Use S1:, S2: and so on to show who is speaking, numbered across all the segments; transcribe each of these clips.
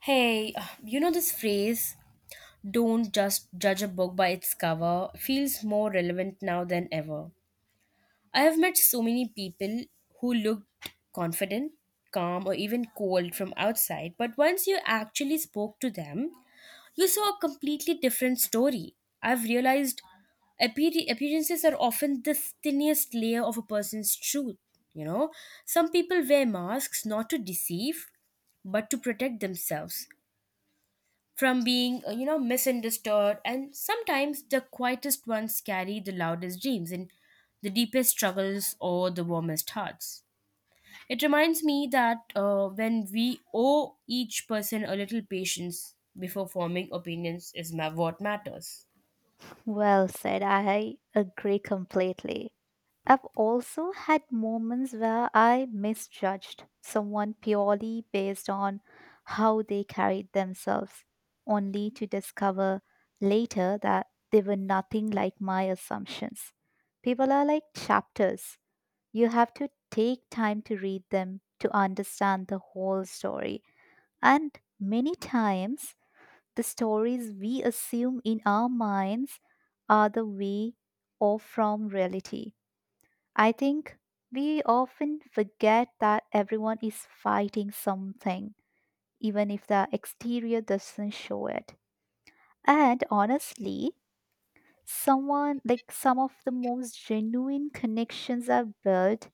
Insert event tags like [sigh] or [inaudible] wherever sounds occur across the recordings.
S1: Hey, you know this phrase, don't just judge a book by its cover, feels more relevant now than ever. I have met so many people who looked confident, calm, or even cold from outside, but once you actually spoke to them, you saw a completely different story. I've realized appearances are often the thinnest layer of a person's truth. You know, some people wear masks not to deceive, but to protect themselves from being misunderstood. And sometimes the quietest ones carry the loudest dreams and the deepest struggles or the warmest hearts. It reminds me that when we owe each person a little patience before forming opinions is what matters.
S2: Well said. I agree completely. I've also had moments where I misjudged someone purely based on how they carried themselves, only to discover later that they were nothing like my assumptions. People are like chapters. You have to take time to read them to understand the whole story. And many times, the stories we assume in our minds are the way off from reality. I think we often forget that everyone is fighting something, even if the exterior doesn't show it. And honestly, some of the most genuine connections I've built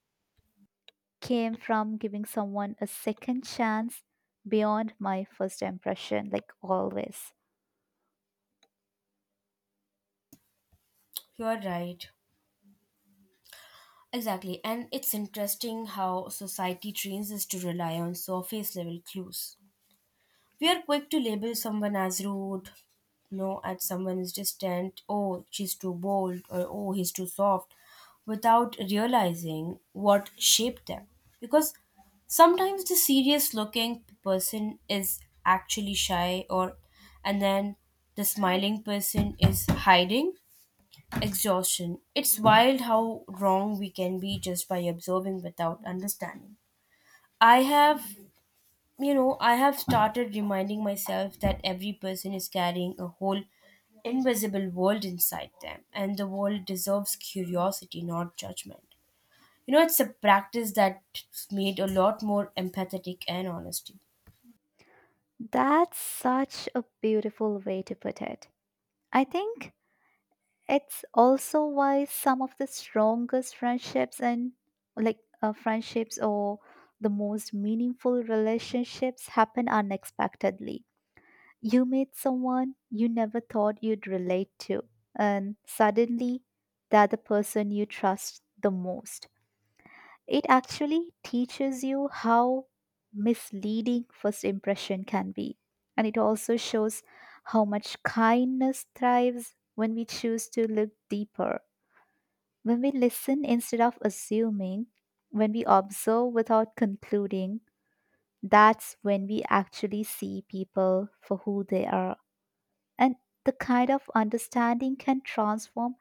S2: came from giving someone a second chance beyond my first impression, like always.
S1: You're right, exactly, and it's interesting how society trains us to rely on surface level clues. We are quick to label someone as rude, no, at someone is distant, oh, she's too bold, or oh, he's too soft, without realizing what shaped them. Because sometimes the serious looking person is actually shy, or and then the smiling person is hiding exhaustion. It's wild how wrong we can be just by observing without understanding. I have I have started reminding myself that every person is carrying a whole invisible world inside them, and the world deserves curiosity, not judgment. You know, it's a practice that's made a lot more empathetic and honesty.
S2: That's such a beautiful way to put it. I think it's also why some of the strongest friendships and like friendships or the most meaningful relationships happen unexpectedly. You meet someone you never thought you'd relate to, and suddenly they're the person you trust the most. It actually teaches you how misleading first impression can be. And it also shows how much kindness thrives when we choose to look deeper, when we listen instead of assuming, when we observe without concluding. That's when we actually see people for who they are. And the kind of understanding can transform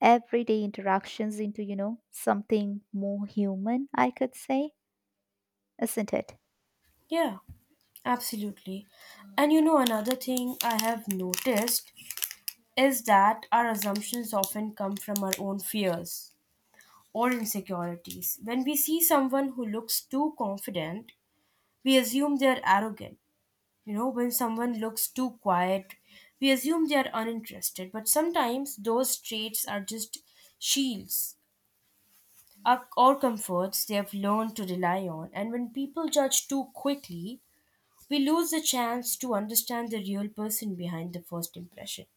S2: everyday interactions into, you know, something more human, I could say, isn't it?
S1: Yeah, absolutely. And you know, another thing I have noticed is that our assumptions often come from our own fears or insecurities. When we see someone who looks too confident, we assume they are arrogant. You know, when someone looks too quiet, we assume they are uninterested, but sometimes those traits are just shields or comforts they have learned to rely on. And when people judge too quickly, we lose the chance to understand the real person behind the first impression.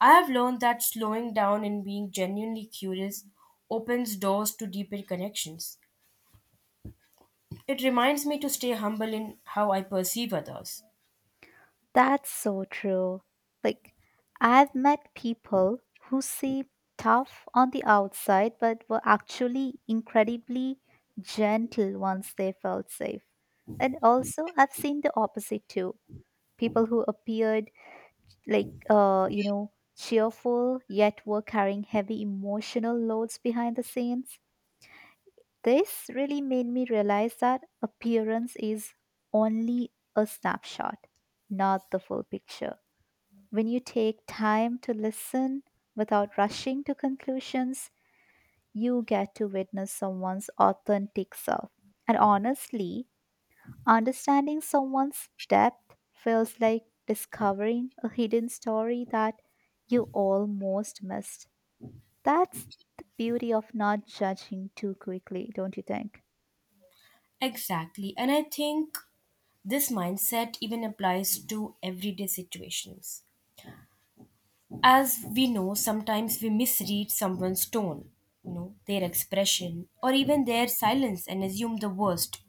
S1: I have learned that slowing down and being genuinely curious opens doors to deeper connections. It reminds me to stay humble in how I perceive others.
S2: That's so true. Like, I've met people who seem tough on the outside, but were actually incredibly gentle once they felt safe. And also, I've seen the opposite too. People who appeared cheerful, yet were carrying heavy emotional loads behind the scenes. This really made me realize that appearance is only a snapshot, not the full picture. When you take time to listen without rushing to conclusions, you get to witness someone's authentic self. And honestly, understanding someone's depth feels like discovering a hidden story that you almost missed. That's the beauty of not judging too quickly, don't you think?
S1: Exactly. And I think this mindset even applies to everyday situations. As we know, sometimes we misread someone's tone, you know, their expression, or even their silence and assume the worst.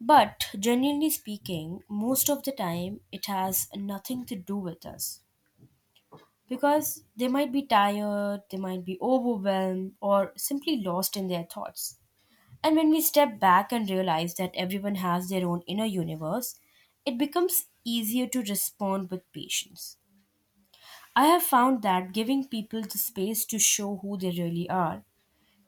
S1: But genuinely speaking, most of the time it has nothing to do with us. Because they might be tired, they might be overwhelmed, or simply lost in their thoughts. And when we step back and realize that everyone has their own inner universe, it becomes easier to respond with patience. I have found that giving people the space to show who they really are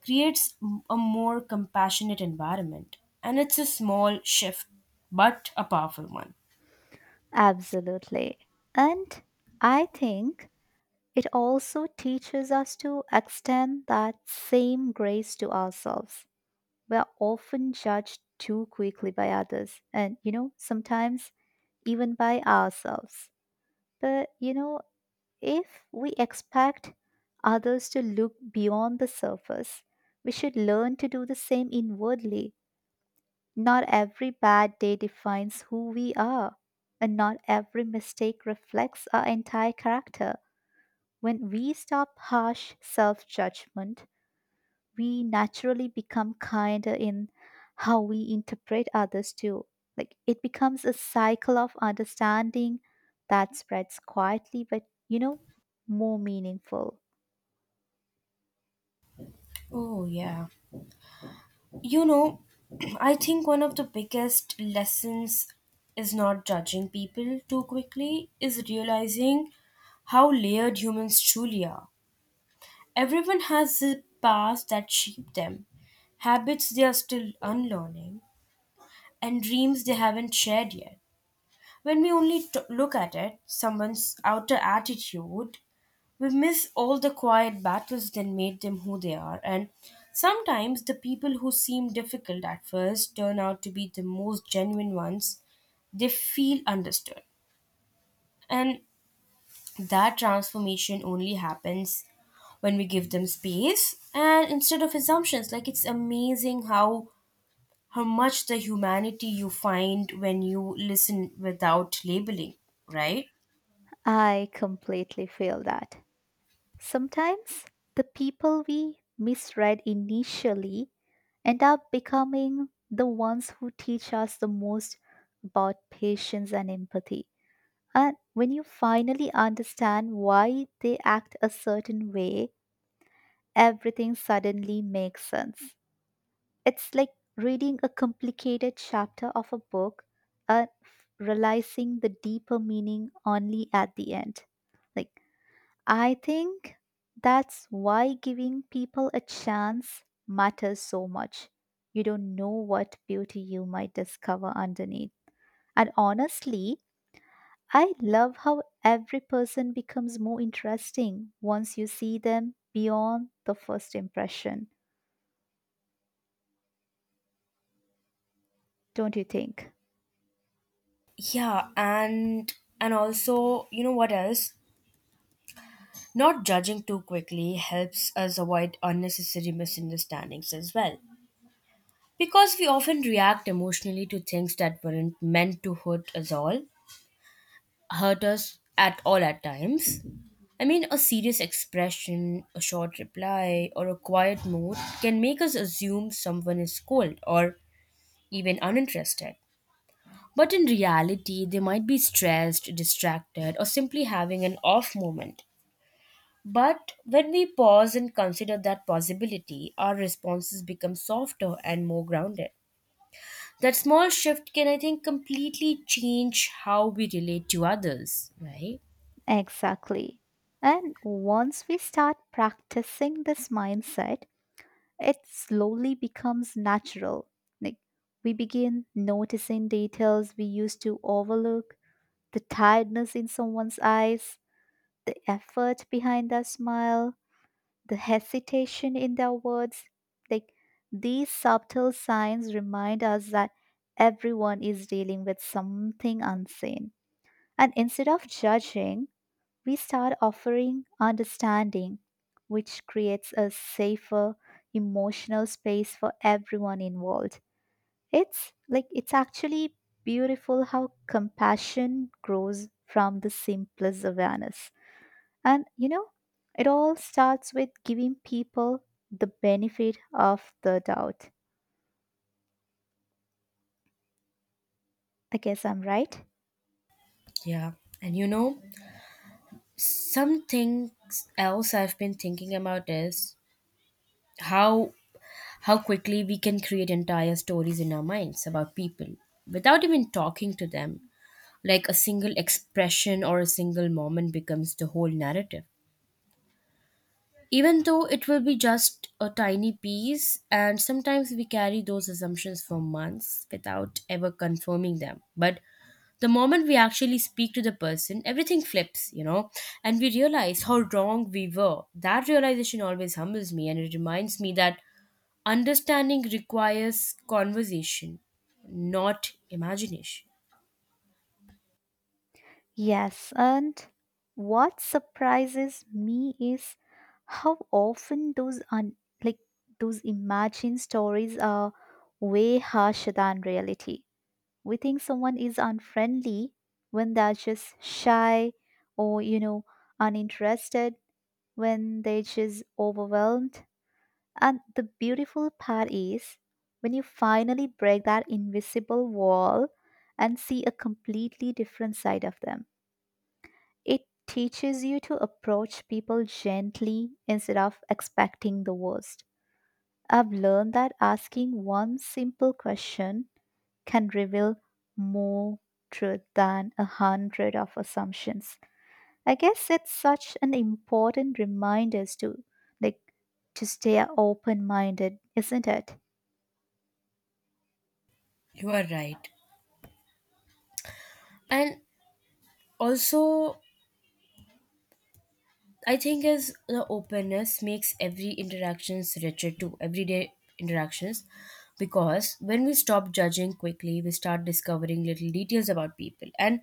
S1: creates a more compassionate environment. And it's a small shift, but a powerful one.
S2: Absolutely. And I think it also teaches us to extend that same grace to ourselves. We're often judged too quickly by others, and you know, sometimes even by ourselves. But you know, if we expect others to look beyond the surface, we should learn to do the same inwardly. Not every bad day defines who we are, and not every mistake reflects our entire character. When we stop harsh self judgment, we naturally become kinder in how we interpret others too. Like it becomes a cycle of understanding that spreads quietly, but you know, more meaningful.
S1: Oh, yeah. You know, [clears throat] I think one of the biggest lessons is not judging people too quickly, is realizing how layered humans truly are. Everyone has a past that shaped them, habits they are still unlearning, and dreams they haven't shared yet. When we only look at it, someone's outer attitude, we miss all the quiet battles that made them who they are. And sometimes the people who seem difficult at first turn out to be the most genuine ones. They feel understood. And that transformation only happens when we give them space and instead of assumptions. Like it's amazing how much the humanity you find when you listen without labeling, right?
S2: I completely feel that. Sometimes the people we misread initially end up becoming the ones who teach us the most about patience and empathy. And when you finally understand why they act a certain way, everything suddenly makes sense. It's like reading a complicated chapter of a book and realizing the deeper meaning only at the end. Like, I think that's why giving people a chance matters so much. You don't know what beauty you might discover underneath. And honestly, I love how every person becomes more interesting once you see them beyond the first impression, don't you think?
S1: Yeah, and also, you know what else, not judging too quickly helps us avoid unnecessary misunderstandings as well, because we often react emotionally to things that weren't meant to hurt us at all at times. I mean, a serious expression, a short reply, or a quiet mood can make us assume someone is cold or even uninterested. But in reality, they might be stressed, distracted, or simply having an off moment. But when we pause and consider that possibility, our responses become softer and more grounded. That small shift can, I think, completely change how we relate to others, right?
S2: Exactly. And once we start practicing this mindset, it slowly becomes natural. Like we begin noticing details we used to overlook, the tiredness in someone's eyes, the effort behind their smile, the hesitation in their words, like these subtle signs remind us that everyone is dealing with something unseen, and instead of judging we start offering understanding, which creates a safer emotional space for everyone involved. It's like it's actually beautiful how compassion grows from the simplest awareness. And you know, it all starts with giving people the benefit of the doubt. I guess I'm right.
S1: Yeah. And you know, something else I've been thinking about is how how quickly we can create entire stories in our minds about people without even talking to them. Like a single expression or a single moment becomes the whole narrative. Even though it will be just a tiny piece, and sometimes we carry those assumptions for months without ever confirming them. But the moment we actually speak to the person, everything flips, you know, and we realize how wrong we were. That realization always humbles me, and it reminds me that understanding requires conversation, not imagination.
S2: Yes, and what surprises me is how often like those imagined stories are way harsher than reality. We think someone is unfriendly when they're just shy, or you know, uninterested when they're just overwhelmed. And the beautiful part is when you finally break that invisible wall and see a completely different side of them. It teaches you to approach people gently instead of expecting the worst. I've learned that asking one simple question can reveal more truth than a hundred of assumptions. I guess it's such an important reminder to, like, to stay open minded, isn't it?
S1: You are right. And also, I think is the openness makes every interactions richer too. Everyday interactions, because when we stop judging quickly, we start discovering little details about people and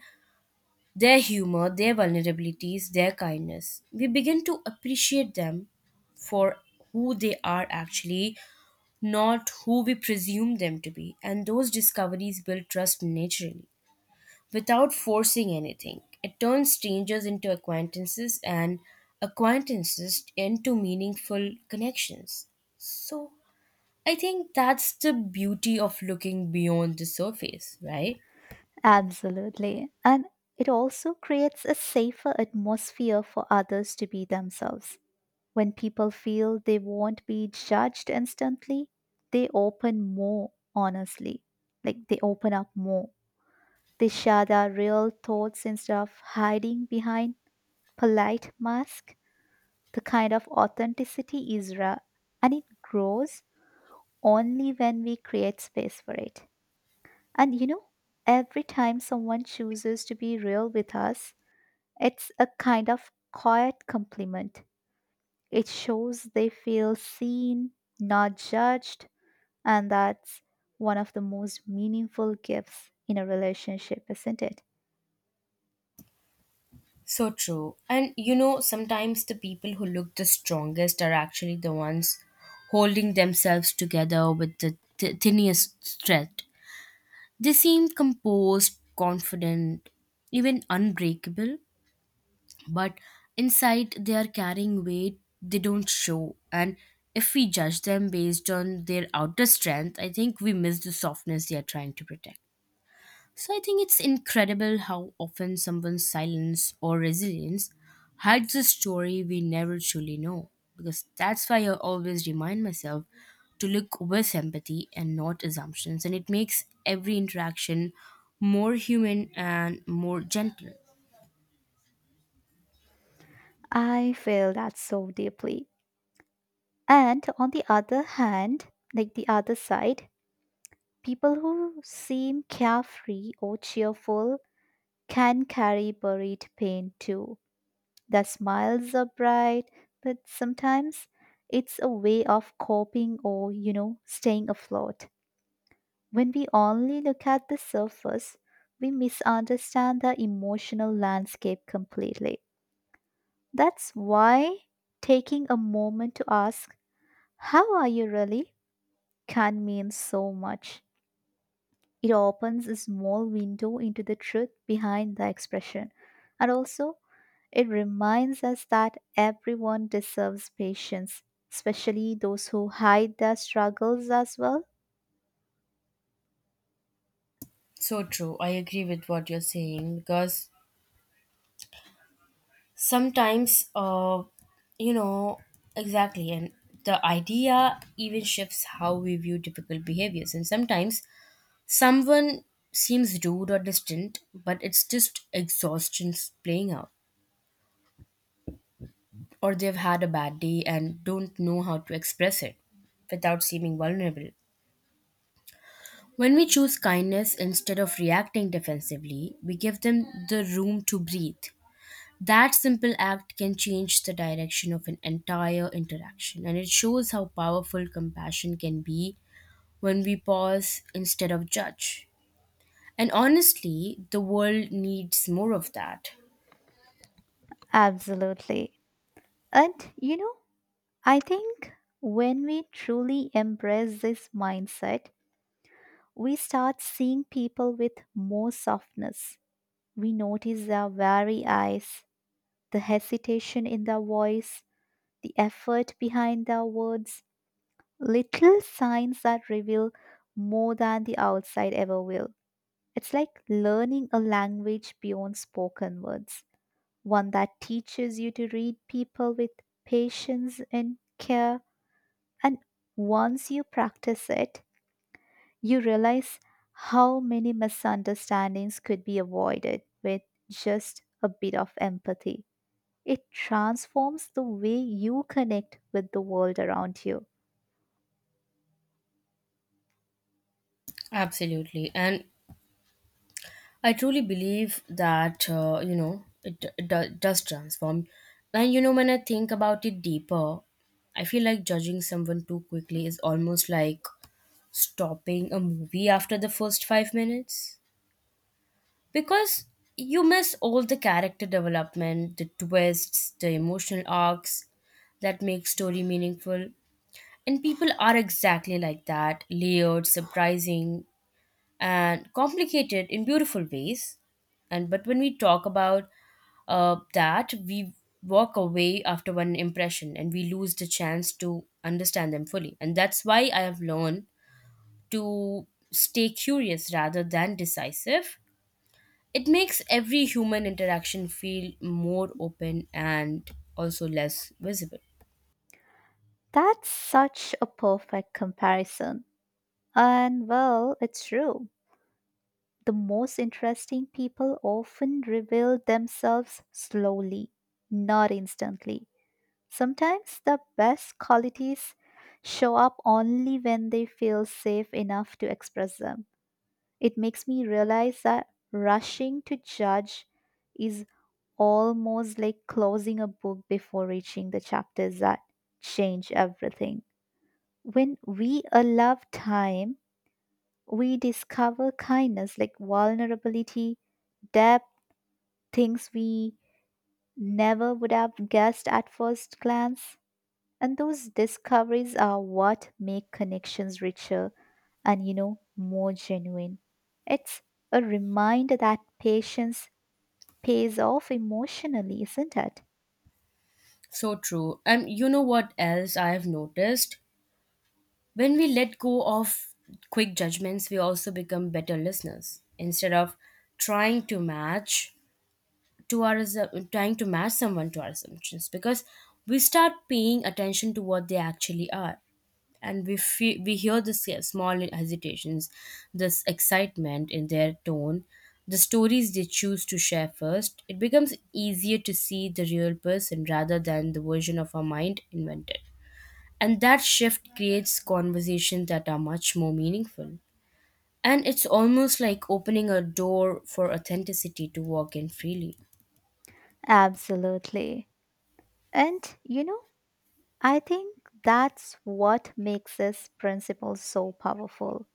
S1: their humor, their vulnerabilities, their kindness. We begin to appreciate them for who they are actually, not who we presume them to be. And those discoveries build trust naturally, without forcing anything. It turns strangers into acquaintances and acquaintances into meaningful connections. So, I think that's the beauty of looking beyond the surface, right?
S2: Absolutely. And it also creates a safer atmosphere for others to be themselves. When people feel they won't be judged instantly, they open more honestly. Like they open up more. They share their real thoughts instead of hiding behind polite masks. The kind of authenticity is rare and it grows only when we create space for it. And you know, every time someone chooses to be real with us, it's a kind of quiet compliment. It shows they feel seen, not judged, and that's one of the most meaningful gifts in a relationship, isn't it?
S1: So true. And you know, sometimes the people who look the strongest are actually the ones holding themselves together with the tiniest thread. They seem composed, confident, even unbreakable, but inside they are carrying weight they don't show. And if we judge them based on their outer strength, I think we miss the softness they are trying to protect. So I think it's incredible how often someone's silence or resilience hides a story we never truly know. Because that's why I always remind myself to look with empathy and not assumptions, and it makes every interaction more human and more gentle.
S2: I feel that so deeply. And on the other hand, like the other side, people who seem carefree or cheerful can carry buried pain too. The smiles are bright, but sometimes it's a way of coping or, you know, staying afloat. When we only look at the surface, we misunderstand the emotional landscape completely. That's why taking a moment to ask, "How are you really?" can mean so much. It opens a small window into the truth behind the expression. And also, it reminds us that everyone deserves patience, especially those who hide their struggles as well.
S1: So true. I agree with what you're saying because sometimes, uh, you know, exactly, and the idea even shifts how we view difficult behaviors, and sometimes someone seems rude or distant, but it's just exhaustion playing out. Or they've had a bad day and don't know how to express it without seeming vulnerable. When we choose kindness instead of reacting defensively, we give them the room to breathe. That simple act can change the direction of an entire interaction, and it shows how powerful compassion can be when we pause instead of judge. And honestly, the world needs more of that.
S2: Absolutely. And you know, I think when we truly embrace this mindset, we start seeing people with more softness. We notice their wary eyes, the hesitation in their voice, the effort behind their words, little signs that reveal more than the outside ever will. It's like learning a language beyond spoken words, one that teaches you to read people with patience and care. And once you practice it, you realize how many misunderstandings could be avoided with just a bit of empathy. It transforms the way you connect with the world around you.
S1: Absolutely. And I truly believe that, it does transform. And, you know, when I think about it deeper, I feel like judging someone too quickly is almost like stopping a movie after the first 5 minutes. Because you miss all the character development, the twists, the emotional arcs that make story meaningful. And people are exactly like that, layered, surprising, and complicated in beautiful ways. And but when we talk about that, we walk away after one impression and we lose the chance to understand them fully. And that's why I have learned to stay curious rather than decisive. It makes every human interaction feel more open and also less visible.
S2: That's such a perfect comparison. And well, it's true. The most interesting people often reveal themselves slowly, not instantly. Sometimes the best qualities show up only when they feel safe enough to express them. It makes me realize that rushing to judge is almost like closing a book before reaching the chapters that change everything. When we allow time, we discover kindness like vulnerability, depth, things we never would have guessed at first glance. And those discoveries are what make connections richer and, you know, more genuine. It's a reminder that patience pays off emotionally, isn't it?
S1: So true. And you know what else I have noticed? When we let go of quick judgments, we also become better listeners instead of trying to match trying to match someone to our assumptions, because we start paying attention to what they actually are, and we feel, we hear the small hesitations, this excitement in their tone, the stories they choose to share first. It becomes easier to see the real person rather than the version of our mind invented, and that shift creates conversations that are much more meaningful. And it's almost like opening a door for authenticity to walk in freely.
S2: Absolutely. And, you know, I think that's what makes this principle so powerful.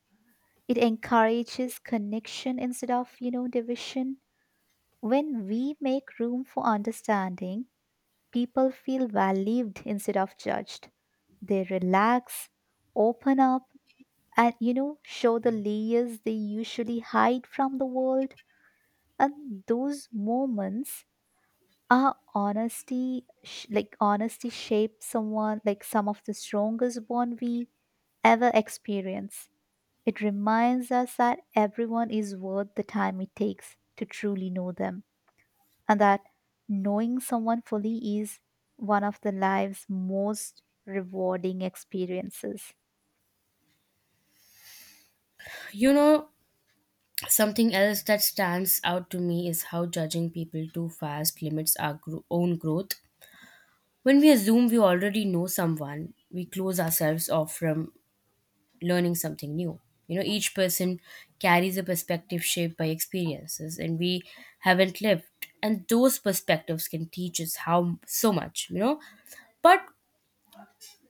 S2: It encourages connection instead of, you know, division. When we make room for understanding, people feel valued instead of judged. They relax, open up, and you know, show the layers they usually hide from the world. And those moments are honesty, like honesty shapes someone, some of the strongest bond we ever experience. It reminds us that everyone is worth the time it takes to truly know them, and that knowing someone fully is one of the life's most rewarding experiences.
S1: You know, something else that stands out to me is how judging people too fast limits our own growth. When we assume we already know someone, we close ourselves off from learning something new. You know, each person carries a perspective shaped by experiences, and we haven't lived. And those perspectives can teach us how so much, you know. But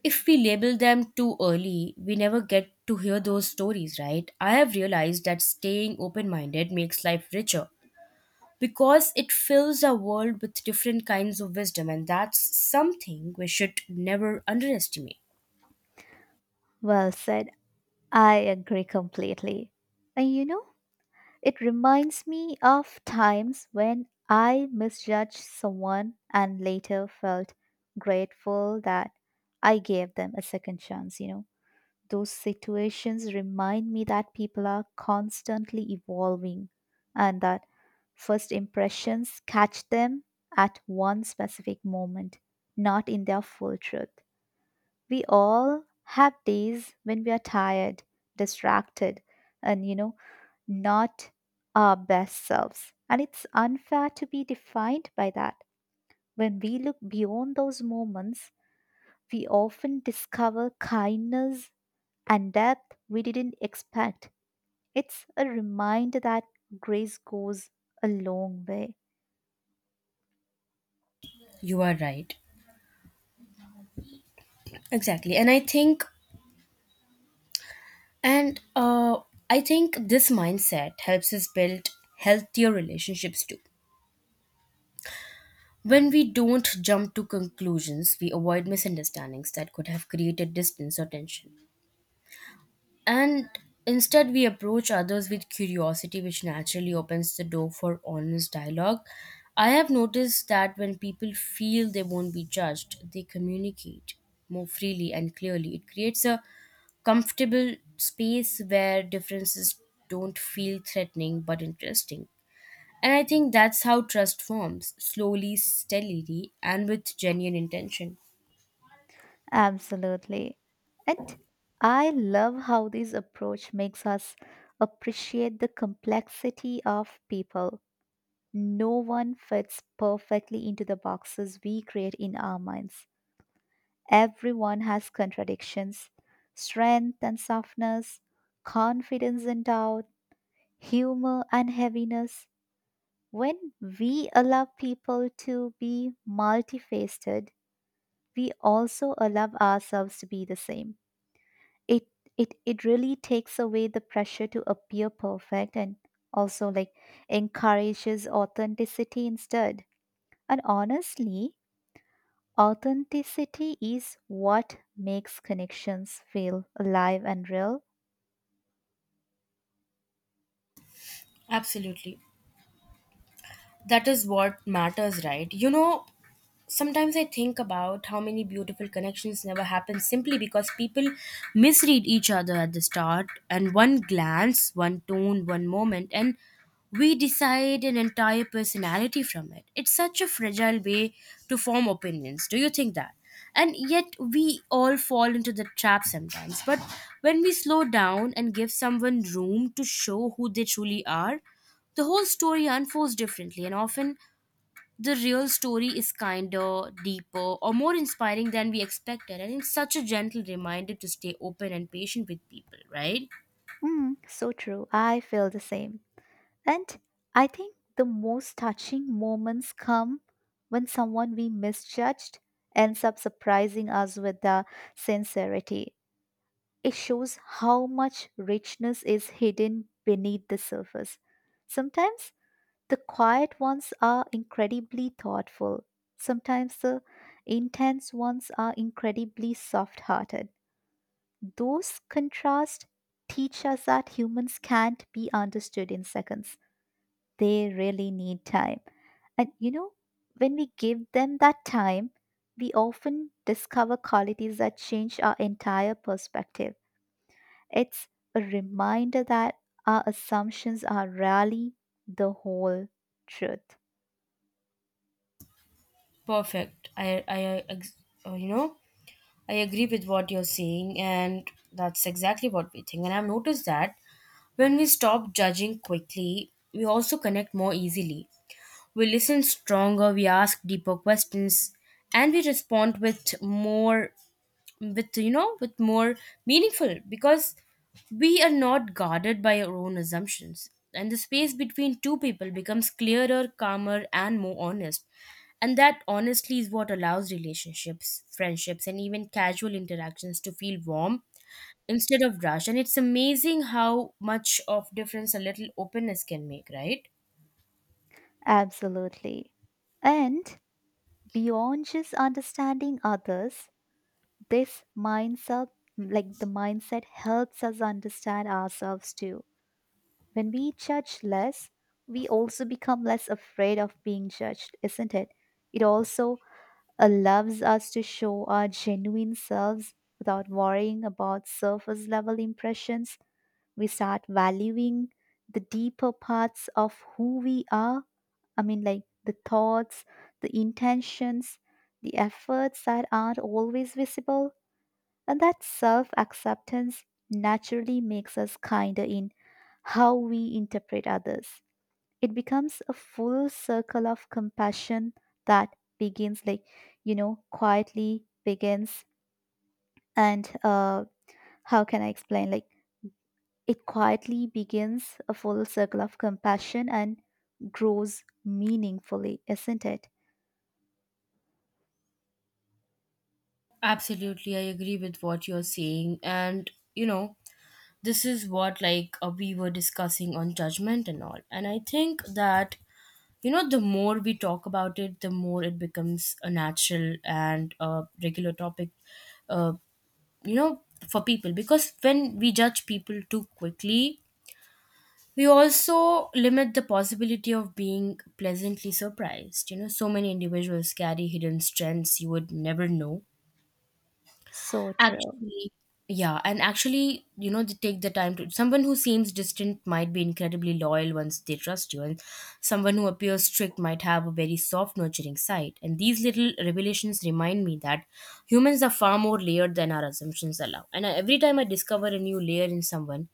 S1: if we label them too early, we never get to hear those stories, right? I have realized that staying open minded makes life richer because it fills our world with different kinds of wisdom, and that's something we should never underestimate.
S2: Well said. I agree completely. And you know, it reminds me of times when I misjudged someone and later felt grateful that I gave them a second chance, you know. Those situations remind me that people are constantly evolving and that first impressions catch them at one specific moment, not in their full truth. We all have days when we are tired, distracted, and you know, not our best selves. And it's unfair to be defined by that. When we look beyond those moments, we often discover kindness and depth we didn't expect. It's a reminder that grace goes a long way.
S1: You are right. Exactly. And I think this mindset helps us build healthier relationships too. When we don't jump to conclusions, we avoid misunderstandings that could have created distance or tension. And instead, we approach others with curiosity, which naturally opens the door for honest dialogue. I have noticed that when people feel they won't be judged, they communicate more freely and clearly. It creates a comfortable space where differences don't feel threatening but interesting. And I think that's how trust forms slowly, steadily, and with genuine intention.
S2: Absolutely. And I love how this approach makes us appreciate the complexity of people. No one fits perfectly into the boxes we create in our minds. Everyone has contradictions, strength and softness, confidence and doubt, humor and heaviness. When we allow people to be multifaceted, we also allow ourselves to be the same. It it really takes away the pressure to appear perfect and also like encourages authenticity instead. And honestly, authenticity is what makes connections feel alive and real.
S1: Absolutely. That is what matters, right? You know, sometimes I think about how many beautiful connections never happen simply because people misread each other at the start, and one glance, one tone, one moment, and we decide an entire personality from it. It's such a fragile way to form opinions. Do you think that? And yet, we all fall into the trap sometimes. But when we slow down and give someone room to show who they truly are, the whole story unfolds differently, and often the real story is kinder, deeper, or more inspiring than we expected, and it's such a gentle reminder to stay open and patient with people, right?
S2: Mm, so true. I feel the same. And I think the most touching moments come when someone we misjudged ends up surprising us with their sincerity. It shows how much richness is hidden beneath the surface. Sometimes the quiet ones are incredibly thoughtful. Sometimes the intense ones are incredibly soft hearted. Those contrasts teach us that humans can't be understood in seconds, they really need time. And you know, when we give them that time, we often discover qualities that change our entire perspective. It's a reminder that our assumptions are rarely the whole truth.
S1: Perfect. Uh, you know, I agree with what you're saying, and that's exactly what we think. And I've noticed that when we stop judging quickly, we also connect more easily. We listen stronger, we ask deeper questions, and we respond with more with you know with more meaningful, because we are not guarded by our own assumptions, and the space between two people becomes clearer, calmer, and more honest. And that honestly is what allows relationships, friendships, and even casual interactions to feel warm instead of rushed. And it's amazing how much of difference a little openness can make, right?
S2: Absolutely. And beyond just understanding others, this mindset, like the mindset, helps us understand ourselves too. When we judge less, we also become less afraid of being judged, isn't it? It also allows us to show our genuine selves without worrying about surface level impressions. We start valuing the deeper parts of who we are. I mean, like the thoughts, the intentions, the efforts that aren't always visible. And that self acceptance naturally makes us kinder in how we interpret others. It becomes a full circle of compassion that begins like you know quietly begins and how can I explain like it quietly begins, a full circle of compassion, and grows meaningfully, isn't it?
S1: Absolutely, I agree with what you're saying. And, you know, this is what like we were discussing on judgment and all, and I think that, you know, the more we talk about it the more it becomes a natural and a regular topic, uh, you know, for people, because when we judge people too quickly we also limit the possibility of being pleasantly surprised. You know, so many individuals carry hidden strengths you would never know.
S2: So true.
S1: Actually, yeah, and actually, you know, they take the time to someone who seems distant might be incredibly loyal once they trust you, and someone who appears strict might have a very soft, nurturing side. And these little revelations remind me that humans are far more layered than our assumptions allow. Every time I discover a new layer in someone,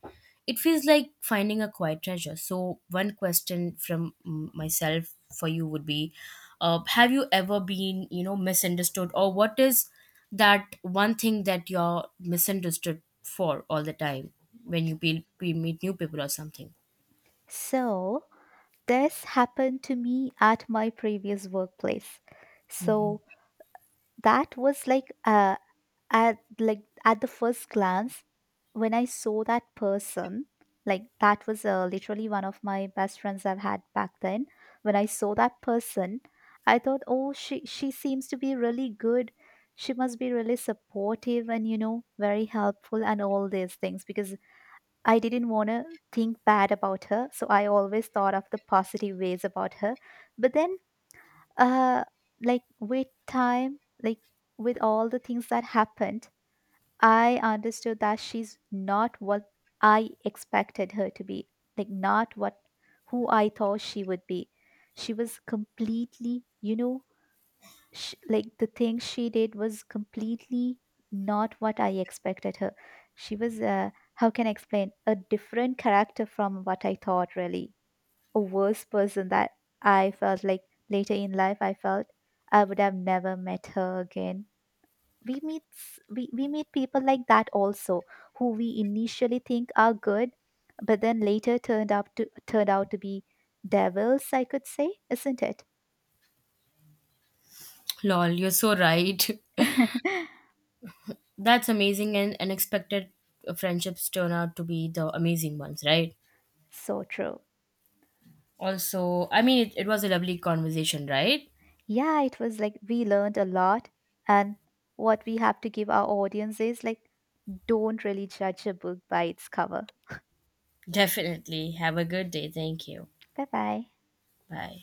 S1: it feels like finding a quiet treasure. So, one question from myself for you would be, have you ever been, you know, misunderstood, or what is that one thing that you're misunderstood for all the time when you meet new people or something.
S2: So this happened to me at my previous workplace. So that was like, at like at the first glance, when I saw that person, like that was, literally one of my best friends I've had back then. When I saw that person, I thought, oh, she seems to be really good. She must be really supportive and you know very helpful and all these things, because I didn't want to think bad about her, so I always thought of the positive ways about her. But then, uh like with time, like with all the things that happened, I understood that she's not what I expected her to be, like not what, who I thought she would be. She was completely, you know, sh like the thing she did was completely not what I expected her. She was, how can I explain, a different character from what I thought, really. A worse person that I felt like later in life, I felt I would have never met her again. We meet people like that also, who we initially think are good, but then later turned out to be devils, I could say, isn't it?
S1: Lol, you're so right.
S2: [laughs]
S1: [laughs] That's amazing, and unexpected friendships turn out to be the amazing ones, right?
S2: So true.
S1: Also, I mean, it was a lovely conversation, right?
S2: Yeah, it was like we learned a lot. And what we have to give our audience is like, don't really judge a book by its cover.
S1: Definitely. Have a good day. Thank you.
S2: Bye bye.
S1: Bye.